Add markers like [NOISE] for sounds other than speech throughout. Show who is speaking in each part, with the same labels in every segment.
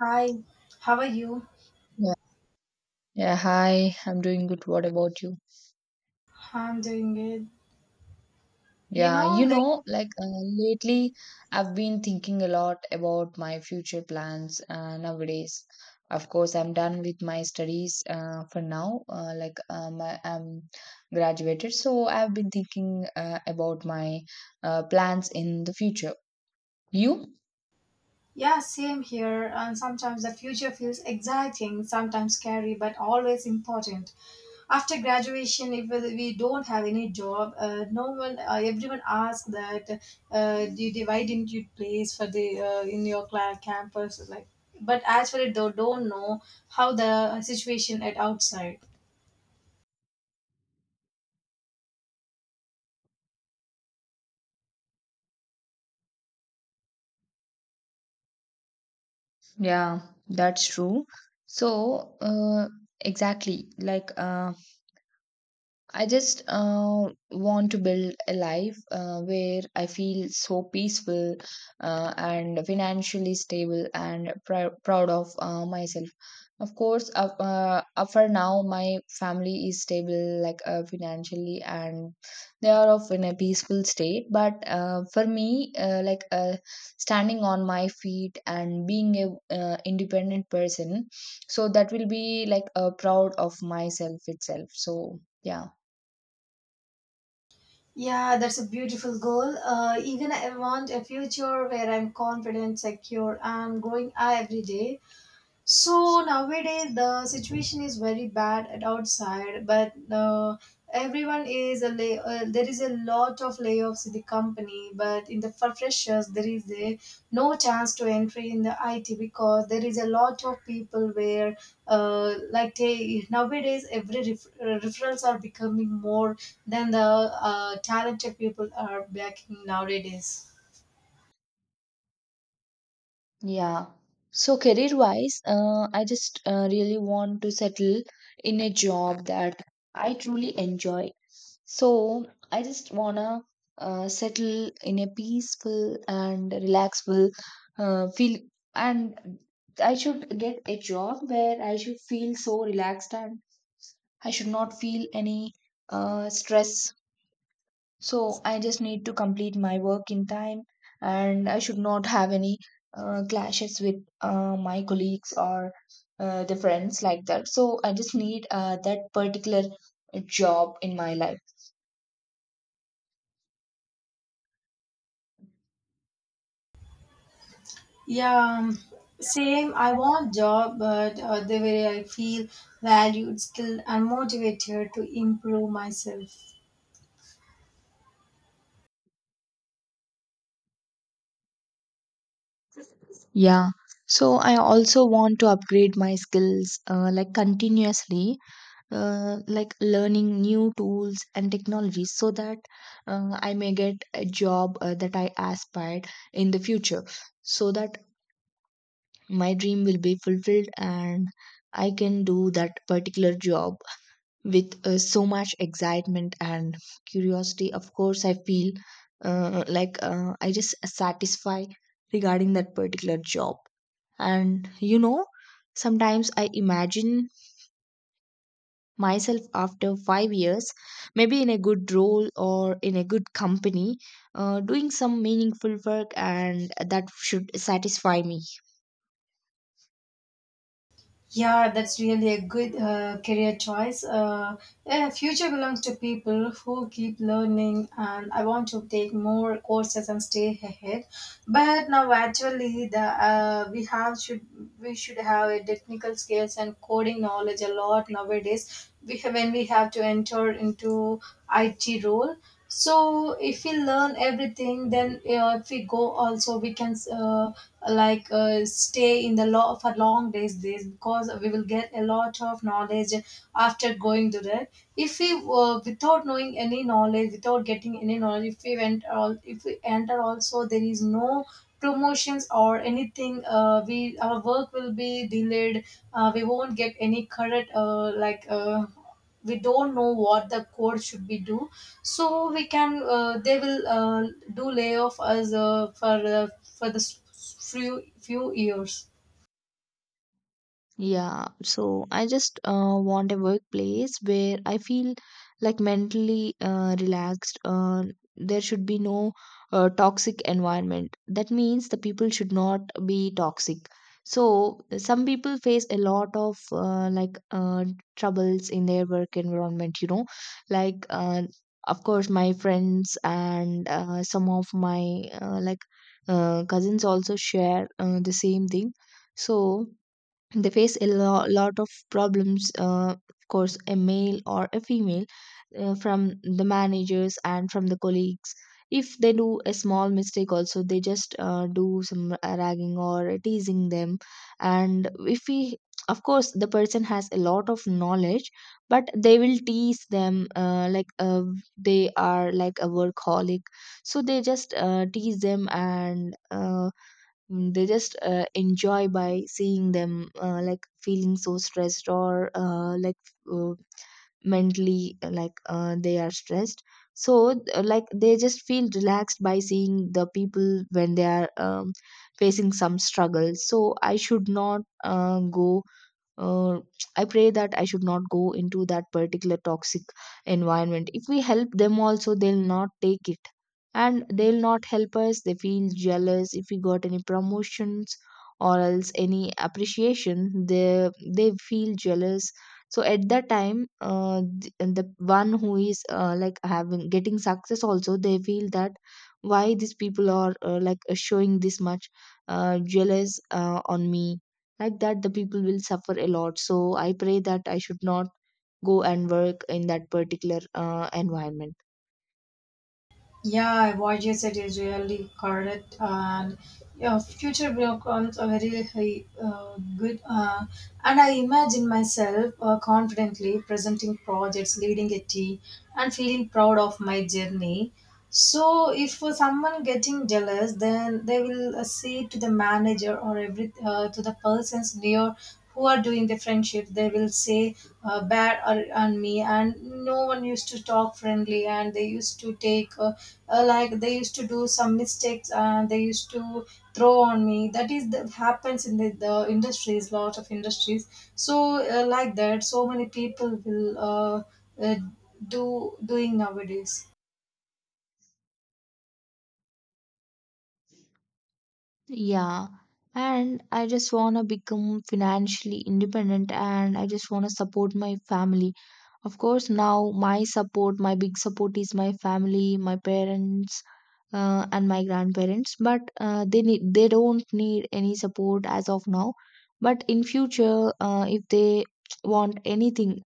Speaker 1: Hi, how are you?
Speaker 2: Yeah. Yeah, hi. I'm doing good. What about you?
Speaker 1: I'm doing good. You
Speaker 2: Yeah,
Speaker 1: know,
Speaker 2: you
Speaker 1: like,
Speaker 2: know, like lately I've been thinking a lot about my future plans nowadays. Of course, I'm done with my studies for now. I'm graduated, so I've been thinking about my plans in the future. You?
Speaker 1: yeah, same here. And sometimes the future feels exciting, sometimes scary, but always important. After graduation, if we don't have any job, no one, everyone asks that, do you why didn't you place for the in your campus, like. But actually, they don't know how the situation at outside.
Speaker 2: Yeah, that's true. So, exactly, like I just want to build a life where I feel so peaceful and financially stable and proud of myself. Of course, for now, my family is stable, like financially, and they are of in a peaceful state. But for me, like standing on my feet and being a independent person, so that will be like proud of myself itself. So yeah.
Speaker 1: Yeah, that's a beautiful goal. Even I want a future where I'm confident, secure, and growing every day. So nowadays the situation is very bad at outside, but everyone is a lay- there is a lot of layoffs in the company. But in the for freshers, there is a no chance to entry in the IT, because there is a lot of people where, like, they, nowadays every referrals are becoming more than the talented people are backing nowadays.
Speaker 2: Yeah. So career-wise, I just really want to settle in a job that I truly enjoy. So I just wanna settle in a peaceful and relaxful feel, and I should get a job where I should feel so relaxed and I should not feel any stress. So I just need to complete my work in time and I should not have any clashes with my colleagues or the friends like that. So I just need that particular job in my life.
Speaker 1: Yeah, same. I want job, but the way I feel valued, skilled, and motivated to improve myself.
Speaker 2: Yeah. So I also want to upgrade my skills like continuously, like learning new tools and technologies so that I may get a job that I aspired in the future. So that my dream will be fulfilled and I can do that particular job with so much excitement and curiosity. Of course, I feel like I just satisfy regarding that particular job. And you know, sometimes I imagine myself after 5 years, maybe in a good role or in a good company, doing some meaningful work, and that should satisfy me.
Speaker 1: Yeah, that's really a good career choice. Yeah, future belongs to people who keep learning, and I want to take more courses and stay ahead. But now, actually, the we have should we should have a technical skills and coding knowledge a lot nowadays. When we have to enter into IT role, so if we learn everything, then, if we go also, we can, like, stay in the law for long days, because we will get a lot of knowledge after going to that. If we, without knowing any knowledge, without getting any knowledge, if we went all, if we enter also, there is no promotions or anything. We our work will be delayed, we won't get any current, like, we don't know what the code should be do. So we can they will, do layoff us, for the few years.
Speaker 2: Yeah, so I just want a workplace where I feel like mentally relaxed. There should be no toxic environment. That means the people should not be toxic. So some people face a lot of like troubles in their work environment, you know, like of course my friends and some of my like cousins also share the same thing. So they face a lot of problems, of course a male or a female, from the managers and from the colleagues. If they do a small mistake also, they just do some ragging or teasing them. And if we, of course, the person has a lot of knowledge, but they will tease them, like they are like a workaholic. So they just tease them and they just enjoy by seeing them like feeling so stressed or like uh, mentally like they are stressed. So like they just feel relaxed by seeing the people when they are facing some struggle. So I should not go, uh, I pray that I should not go into that particular toxic environment. If we help them also, they'll not take it, and they'll not help us. They feel jealous if we got any promotions or else any appreciation. They feel jealous. So at that time, the one who is like having getting success also, they feel that why these people are like showing this much jealous on me, like that the people will suffer a lot. So I pray that I should not go and work in that particular environment.
Speaker 1: Yeah, what you said is really correct, and your future becomes a very high, good. And I imagine myself confidently presenting projects, leading a team, and feeling proud of my journey. So, if someone getting jealous, then they will say to the manager or every, to the persons near who are doing the friendship, they will say bad or, on me, and no one used to talk friendly, and they used to take, like, they used to do some mistakes and they used to throw on me. That is that happens in the industries, lot of industries. So, like that, so many people will, uh, do doing nowadays.
Speaker 2: Yeah, and I just want to become financially independent and I just want to support my family. Of course, now my support, my big support is my family, my parents, and my grandparents, but they don't need any support as of now. But in future, if they want anything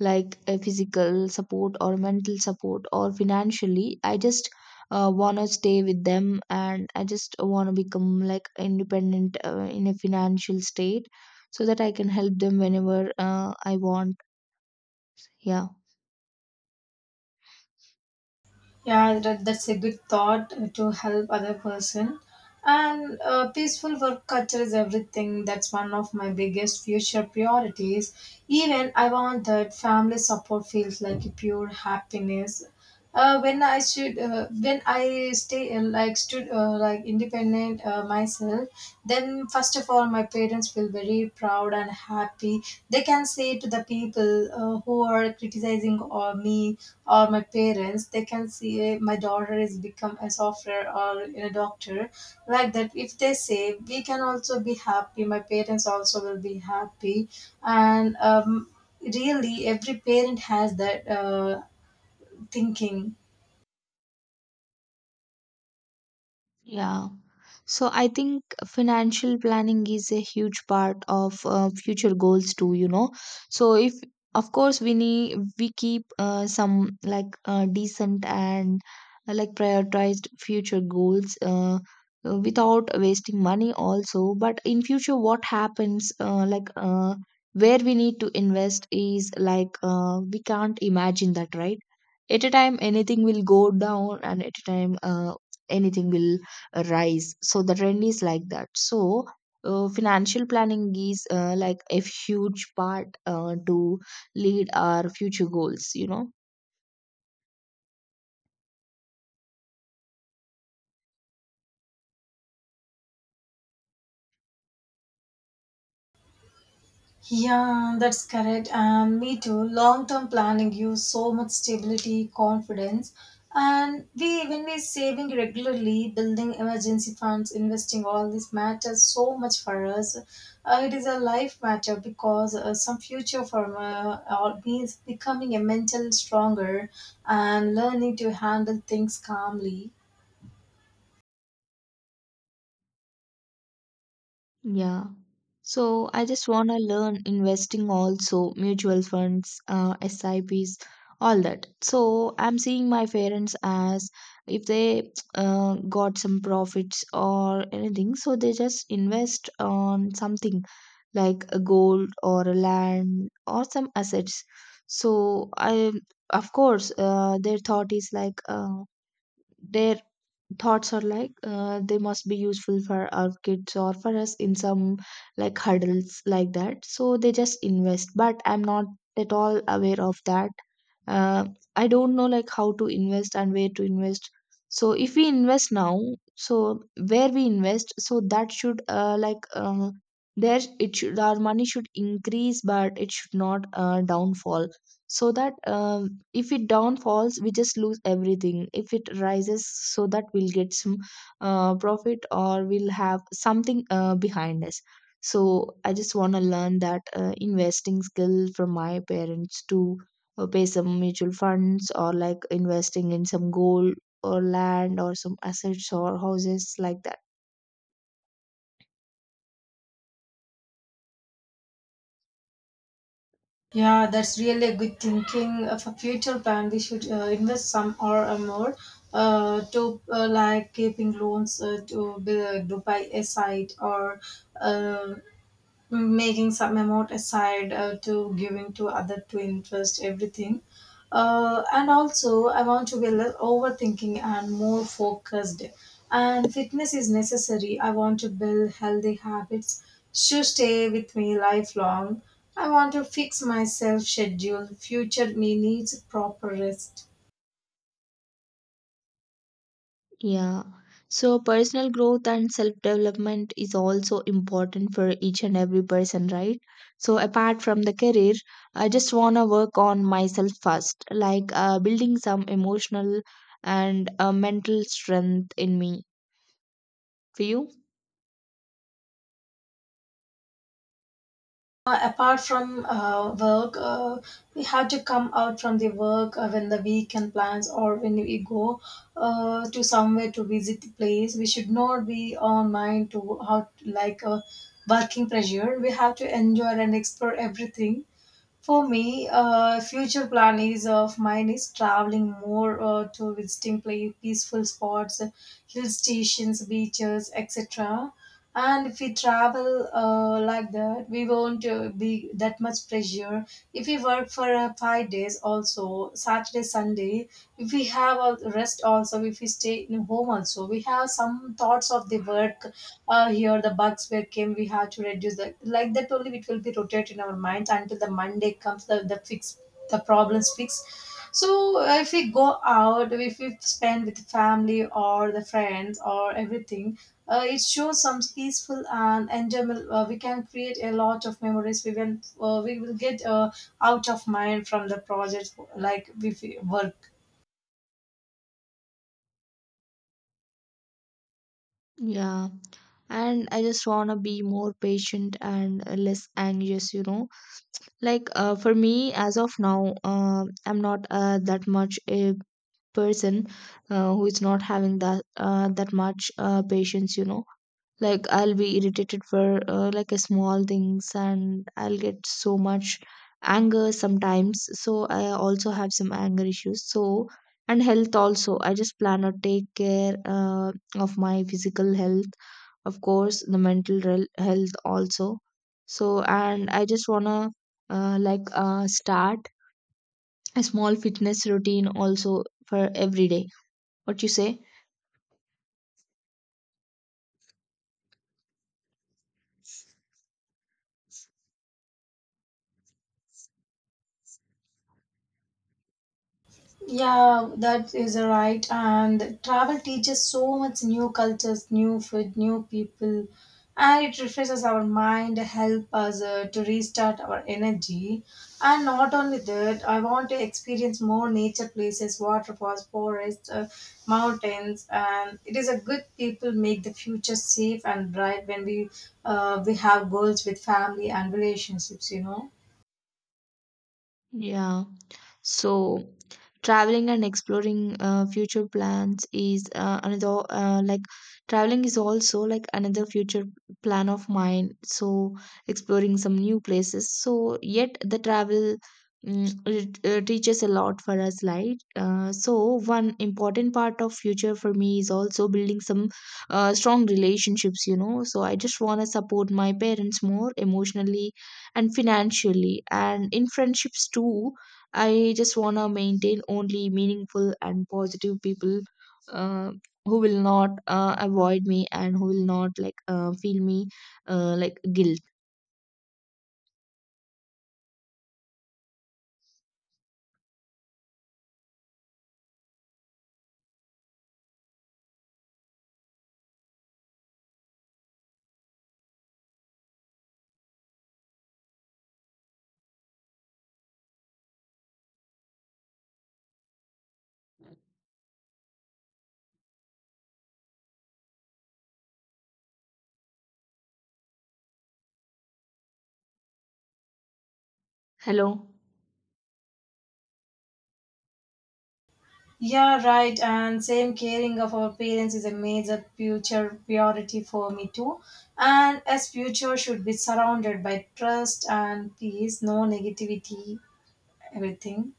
Speaker 2: like a physical support or mental support or financially, I just want to stay with them, and I just want to become like independent in a financial state, so that I can help them whenever I want. Yeah.
Speaker 1: Yeah, that's a good thought to help other person. And peaceful work culture is everything. That's one of my biggest future priorities. Even I want that family support feels like a pure happiness. When I should, when I stay, like stood, like independent, myself, then first of all my parents feel very proud and happy. They can say to the people, who are criticizing or me or my parents, they can see, my daughter is become a software or a doctor. Like that, if they say, we can also be happy, my parents also will be happy. And, really every parent has that thinking.
Speaker 2: Yeah. So I think financial planning is a huge part of future goals too, you know. So if, of course, we keep some like decent and like prioritized future goals, without wasting money also. But in future what happens, like where we need to invest is like we can't imagine that, right? At a time anything will go down, and at a time anything will rise. So the trend is like that. So financial planning is like a huge part to lead our future goals, you know.
Speaker 1: Yeah, that's correct. And me too. Long term planning gives so much stability, confidence. And when we're saving regularly, building emergency funds, investing, all this matters so much for us. It is a life matter, because some future for, or means becoming a mental stronger and learning to handle things calmly.
Speaker 2: Yeah. So I just want to learn investing also, mutual funds, SIPs, all that. So I'm seeing my parents as if they got some profits or anything, so they just invest on something like a gold or a land or some assets. So I, of course, their thought is like their thoughts are like they must be useful for our kids or for us in some like hurdles like that, so they just invest. But I'm not at all aware of that. uh, I don't know like how to invest and where to invest. So if we invest now, so where we invest, so that should like there, it should, our money should increase, but it should not downfall. So that if it down falls, we just lose everything. If it rises, so that we'll get some profit or we'll have something behind us. So I just want to learn that investing skill from my parents to pay some mutual funds or like investing in some gold or land or some assets or houses like that.
Speaker 1: Yeah, that's really a good thinking for future plan. We should invest some, or more, to, like keeping loans, to buy a site, or, uh, making some amount aside, to giving to other to invest everything. And also, I want to be less overthinking and more focused. And fitness is necessary, I want to build healthy habits, should stay with me lifelong. I want to fix myself schedule, future me needs proper rest.
Speaker 2: Yeah. So personal growth and self-development is also important for each and every person, right? So apart from the career, I just want to work on myself first, like building some emotional and mental strength in me. For you?
Speaker 1: Apart from work, we have to come out from the work when the weekend plans, or when we go to somewhere to visit the place. We should not be on mind to how, like, working pressure. We have to enjoy and explore everything. For me, future plan is, of mine, is traveling more, to visiting place, peaceful spots, hill stations, beaches, etc. And if we travel, like that, we won't, be that much pressure. If we work for 5 days also, Saturday, Sunday, if we have a rest also, if we stay in home also, we have some thoughts of the work. Here the bugs where came, we have to reduce that, like that only, it will be rotated in our minds until the Monday comes, the fix, the problems fixed. So, if we go out, if we spend with family or the friends or everything, it shows some peaceful and enjoyable. We can create a lot of memories. We will get, out of mind from the project, like if we work.
Speaker 2: Yeah. And I just want to be more patient and less anxious, you know. Like for me, as of now, I'm not that much a person who is not having that that much patience, you know. Like I'll be irritated for like a small things, and I'll get so much anger sometimes. So I also have some anger issues. So, and health also, I just plan to take care of my physical health, of course the mental health also. So, and I just want to like start a small fitness routine also for every day. What you say?
Speaker 1: Yeah, that is a right. And travel teaches so much new cultures, new food, new people, and it refreshes our mind, help us to restart our energy. And not only that, I want to experience more nature places, waterfalls, forests, mountains, and it is a good people make the future safe and bright when we have goals with family and relationships, you know.
Speaker 2: Yeah. So traveling and exploring future plans is another like, traveling is also like another future plan of mine. So exploring some new places. So yet the travel, teaches a lot for us, right? So one important part of future for me is also building some strong relationships. You know, so I just wanna support my parents more emotionally and financially, and in friendships too, I just want to maintain only meaningful and positive people, uh, who will not avoid me and who will not like feel me like guilt. Hello.
Speaker 1: Yeah, right. And same, caring of our parents is a major future priority for me too. And as future should be surrounded by trust and peace, no negativity, everything.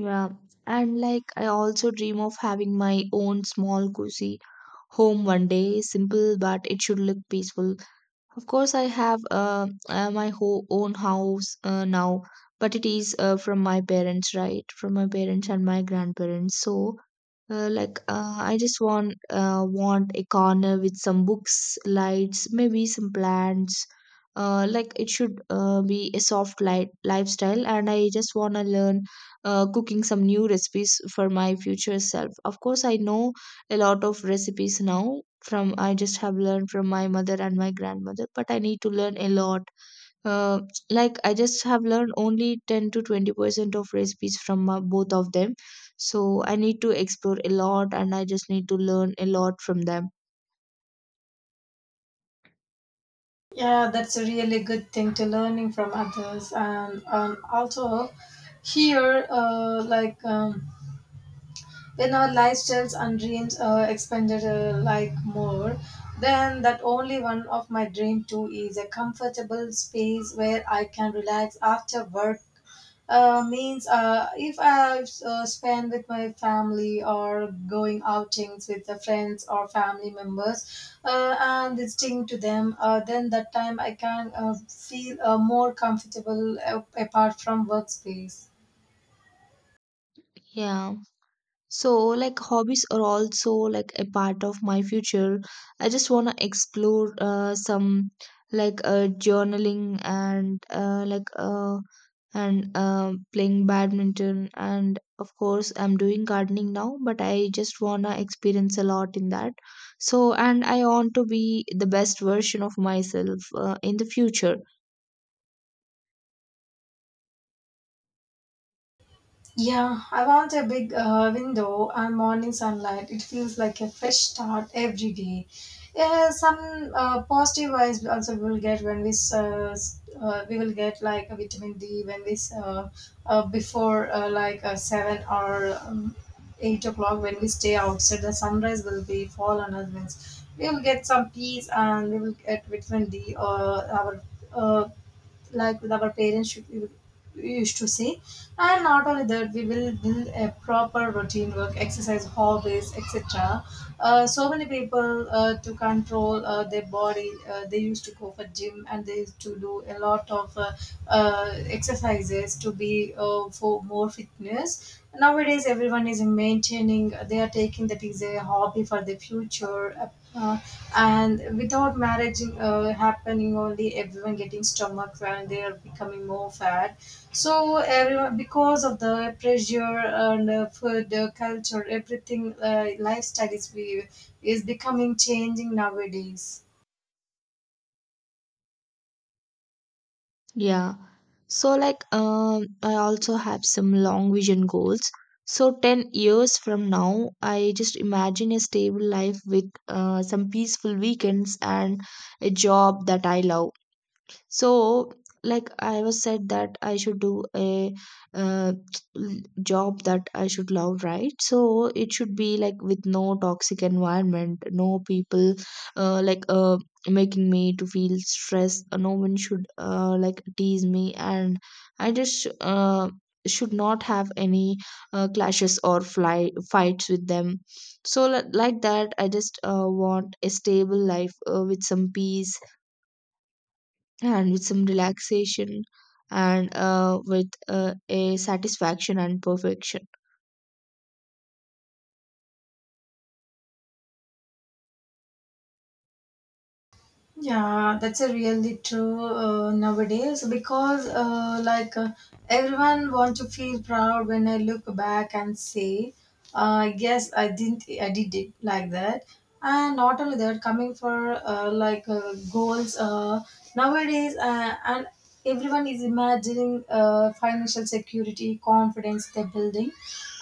Speaker 2: Yeah, and like I also dream of having my own small cozy home one day. Simple, but it should look peaceful. Of course, I have my own house now, but it is from my parents, right? From my parents and my grandparents. So, I just want a corner with some books, lights, maybe some plants. Like it should be a soft light lifestyle, and I just wanna learn cooking some new recipes for my future self. Of course, I know a lot of recipes now from, I just have learned from my mother and my grandmother, but I need to learn a lot. uh, like I just have learned only 10 to 20% of recipes from both of them. So I need to explore a lot, and I just need to learn a lot from them.
Speaker 1: Yeah, that's a really good thing, to learning from others. And, also here, like. When our lifestyles and dreams expanded, like, more, then that only, one of my dream too is a comfortable space where I can relax after work. Means, if I, spend with my family, or going outings with the friends or family members, and listening to them, then that time I can, feel, more comfortable, apart from workspace.
Speaker 2: Yeah. So, like, hobbies are also like a part of my future. I just want to explore some like journaling and playing badminton. And of course, I'm doing gardening now, but I just want to experience a lot in that. So, and I want to be the best version of myself in the future.
Speaker 1: Yeah, I want a big, window and morning sunlight. It feels like a fresh start every day. Yeah, some, positive vibes also we will get when we will get like a vitamin D, when before, like, seven or eight o'clock, when we stay outside. The sunrise will be fall on us. Means, we will get some peace and we will get vitamin D, or our, uh, like, with our parents should, used to say. And not only that, we will build a proper routine, work, exercise, hobbies, etc. So many people, to control, their body, they used to go for gym, and they used to do a lot of, exercises to be, for more fitness. Nowadays everyone is maintaining, meaning they are taking that is a hobby for the future. Uh, and without marriage happening only, everyone getting stomach, and they are becoming more fat. So everyone, because of the pressure, and food culture, everything. Lifestyle is, we is becoming changing nowadays.
Speaker 2: Yeah. So like I also have some long vision goals. So 10 years from now, I just imagine a stable life with some peaceful weekends and a job that I love. So like I was said that I should do a uh, [TSK] job that I should love, right? So it should be like with no toxic environment, no people, uh, like uh, making me to feel stressed. No one should like tease me, and I just should not have any clashes or fly fights with them. So like that I just want a stable life with some peace and with some relaxation and with a satisfaction and perfection.
Speaker 1: Yeah, that's a really true, nowadays, because, like, everyone want to feel proud when I look back and say, yes, I didn't, I did it like that. And not only that, coming for, like, goals, nowadays, and everyone is imagining, financial security, confidence they're building,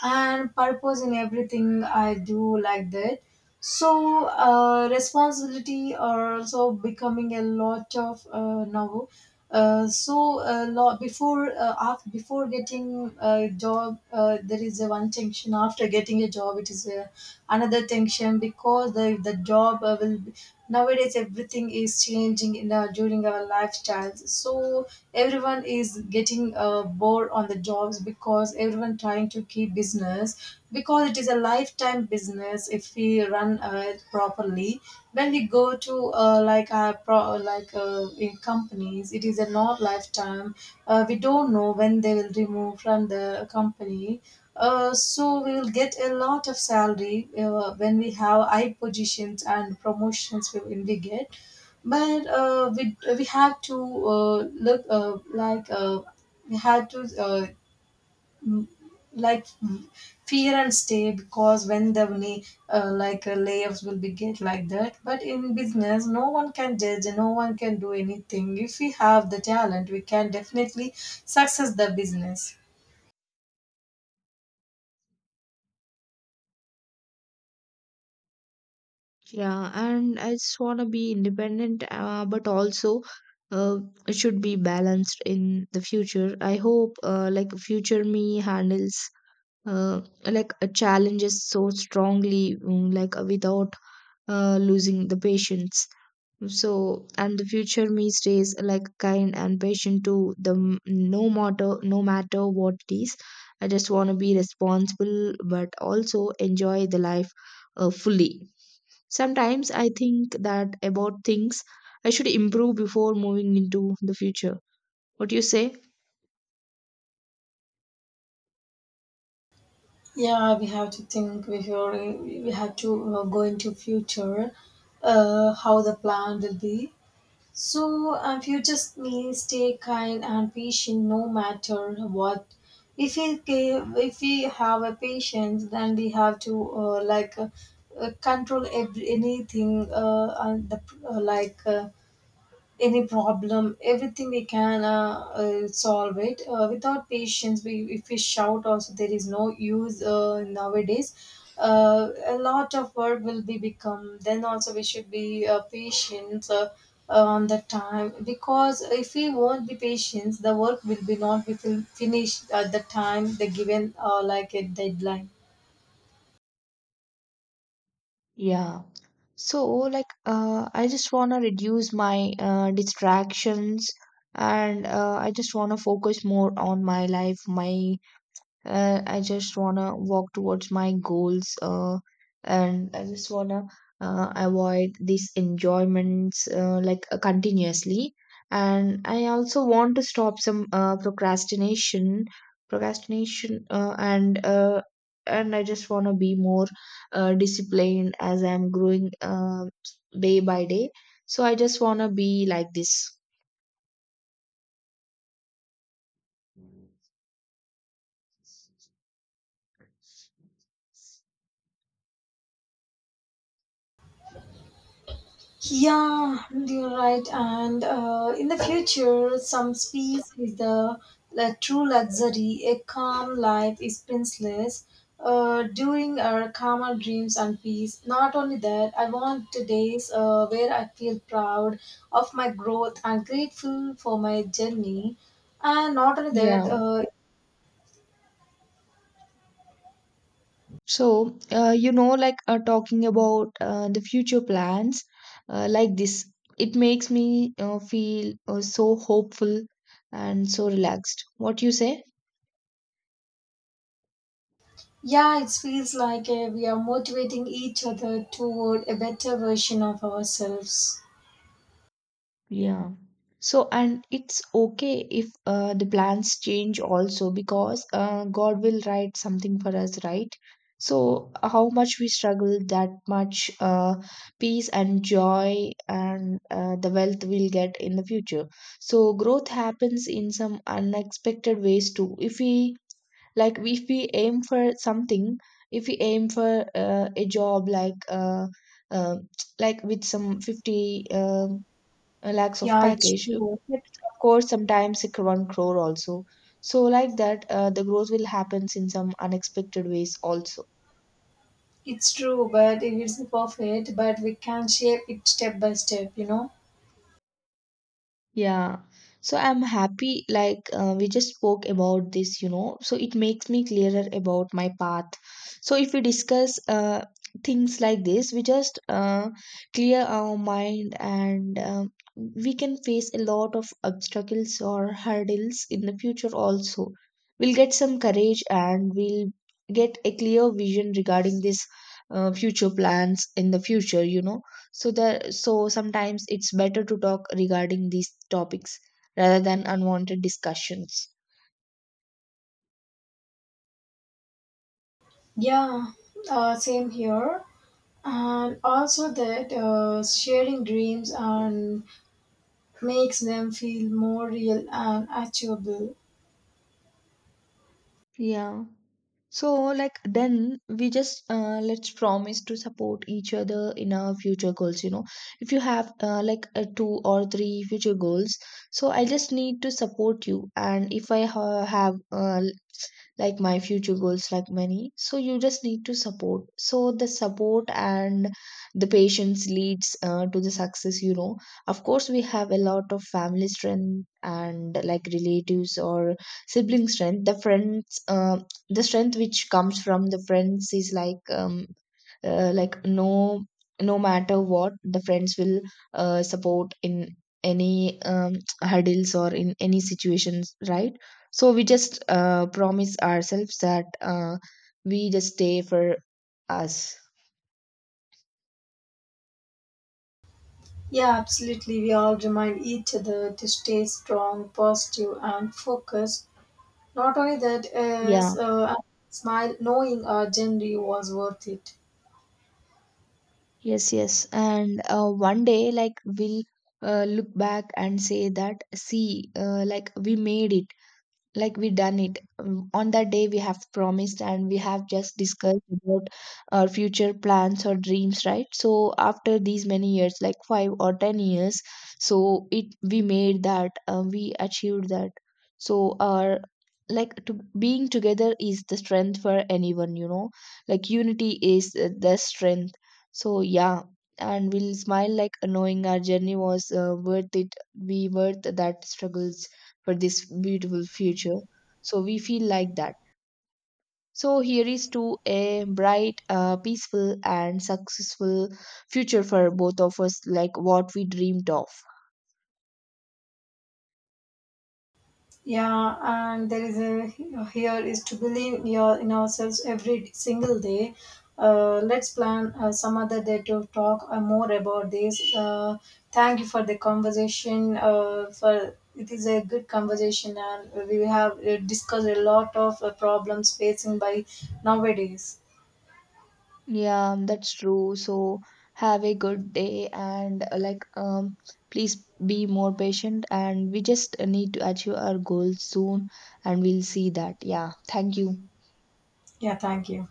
Speaker 1: and purpose in everything I do, like that. So, responsibility are also becoming a lot of, now. Before, after, before getting a job, there is a one tension. After getting a job, it is, another tension, because the job will be, nowadays everything is changing in our, during our lifestyles. So everyone is getting, bored on the jobs, because everyone trying to keep business, because it is a lifetime business if we run, it properly. When we go to, like, our like, in companies, it is a not lifetime. We don't know when they will remove from the company. So we'll get a lot of salary when we have high positions and promotions we, when we get. But, we have to, look, like, we have to, like, fear and stay, because when the money, like, layoffs will be get like that. But in business, no one can judge, and no one can do anything. If we have the talent, we can definitely success the business.
Speaker 2: Yeah, and I just want to be independent, but also uh, it should be balanced in the future. I hope like future me handles challenges so strongly, like without losing the patience. So, and the future me stays like kind and patient to the no matter what it is. I just want to be responsible, but also enjoy the life fully. Sometimes I think that about things I should improve before moving into the future. What do you say?
Speaker 1: Yeah, we have to think before we have to, go into future, how the plan will be. So, future means stay kind and patient, no matter what. If we, if we have a patience, then we have to, like, control every, anything, and the, like. Any problem, everything we can, solve it. Without patience, we if we shout also, there is no use, nowadays. A lot of work will be become. Then also we should be, patient, on the time, because if we won't be patient, the work will be not be finished at the time the given, like a deadline.
Speaker 2: Yeah. So, like, I just want to reduce my distractions and I just want to focus more on my life, my. I just wanna walk towards my goals, and I just wanna avoid these enjoyments continuously. And I also want to stop some procrastination, procrastination, and I just wanna be more disciplined as I'm growing day by day. So I just wanna be like this.
Speaker 1: Yeah, you're right. And, in the future, some peace is the true luxury. A calm life is priceless. During our calmer dreams and peace. Not only that, I want the days where I feel proud of my growth and grateful for my journey. And not only that,
Speaker 2: Yeah. So, talking about the future plans like this, it makes me feel so hopeful and so relaxed. What you say?
Speaker 1: yeah, it feels like, we are motivating each other toward a better version of ourselves.
Speaker 2: Yeah. So, and it's okay if the plans change also, because God will write something for us, right? So, how much we struggle, that much peace and joy and the wealth we'll get in the future. So, growth happens in some unexpected ways too. If we like, if we aim for something, if we aim for a job uh, like with some 50 lakhs of
Speaker 1: Yeah, it's
Speaker 2: package.
Speaker 1: true.
Speaker 2: But of course sometimes it one crore also. So like that the growth will happens in some unexpected ways also.
Speaker 1: It's true, but it isn't perfect, but we can shape it step by step, you know?
Speaker 2: Yeah. So I'm happy, like, we just spoke about this, you know, so it makes me clearer about my path. So if we discuss things like this, we just clear our mind, and we can face a lot of obstacles or hurdles in the future also. We'll get some courage and we'll get a clear vision regarding this future plans in the future, you know. So there, so sometimes it's better to talk regarding these topics rather than unwanted discussions.
Speaker 1: Yeah, same here. And also that, sharing dreams and makes them feel more real and achievable.
Speaker 2: Yeah. So, like, then we just let's promise to support each other in our future goals. You know, if you have two or three future goals, so I just need to support you. And if I ha have my future goals like many, so you just need to support. So the support and the patience leads to the success, you know. Of course we have a lot of family strength and like relatives or sibling strength, the friends, the strength which comes from the friends is like no, no matter what the friends will support in any [TSK] hurdles or in any situations, right? So we just promise ourselves that we just stay for us.
Speaker 1: Yeah, absolutely. We all remind each other to stay strong, positive, and focused. Not only that,
Speaker 2: Yeah.
Speaker 1: is, a smile knowing our journey was worth it.
Speaker 2: Yes, yes, and one day like we'll look back and say that, see, like we made it, like we done it. On that day we have promised and we have just discussed about our future plans or dreams, right? So after these many years, like 5 or 10 years, so it we made that, we achieved that. So our like to, being together is the strength for anyone, you know, like unity is the strength. So yeah, and we'll smile like knowing our journey was worth it. We worth that struggles for this beautiful future. So we feel like that. So here is to a bright, peaceful, and successful future for both of us, like what we dreamed of.
Speaker 1: Yeah, and there is a here is to believe your in ourselves every single day. Let's plan some other day to talk more about this. Thank you for the conversation. For it is a good conversation, and we have discussed a lot of problems facing by nowadays.
Speaker 2: Yeah, that's true. So have a good day and please be more patient, and we just need to achieve our goals soon, and we'll see that. Yeah, thank you.
Speaker 1: Yeah, thank you.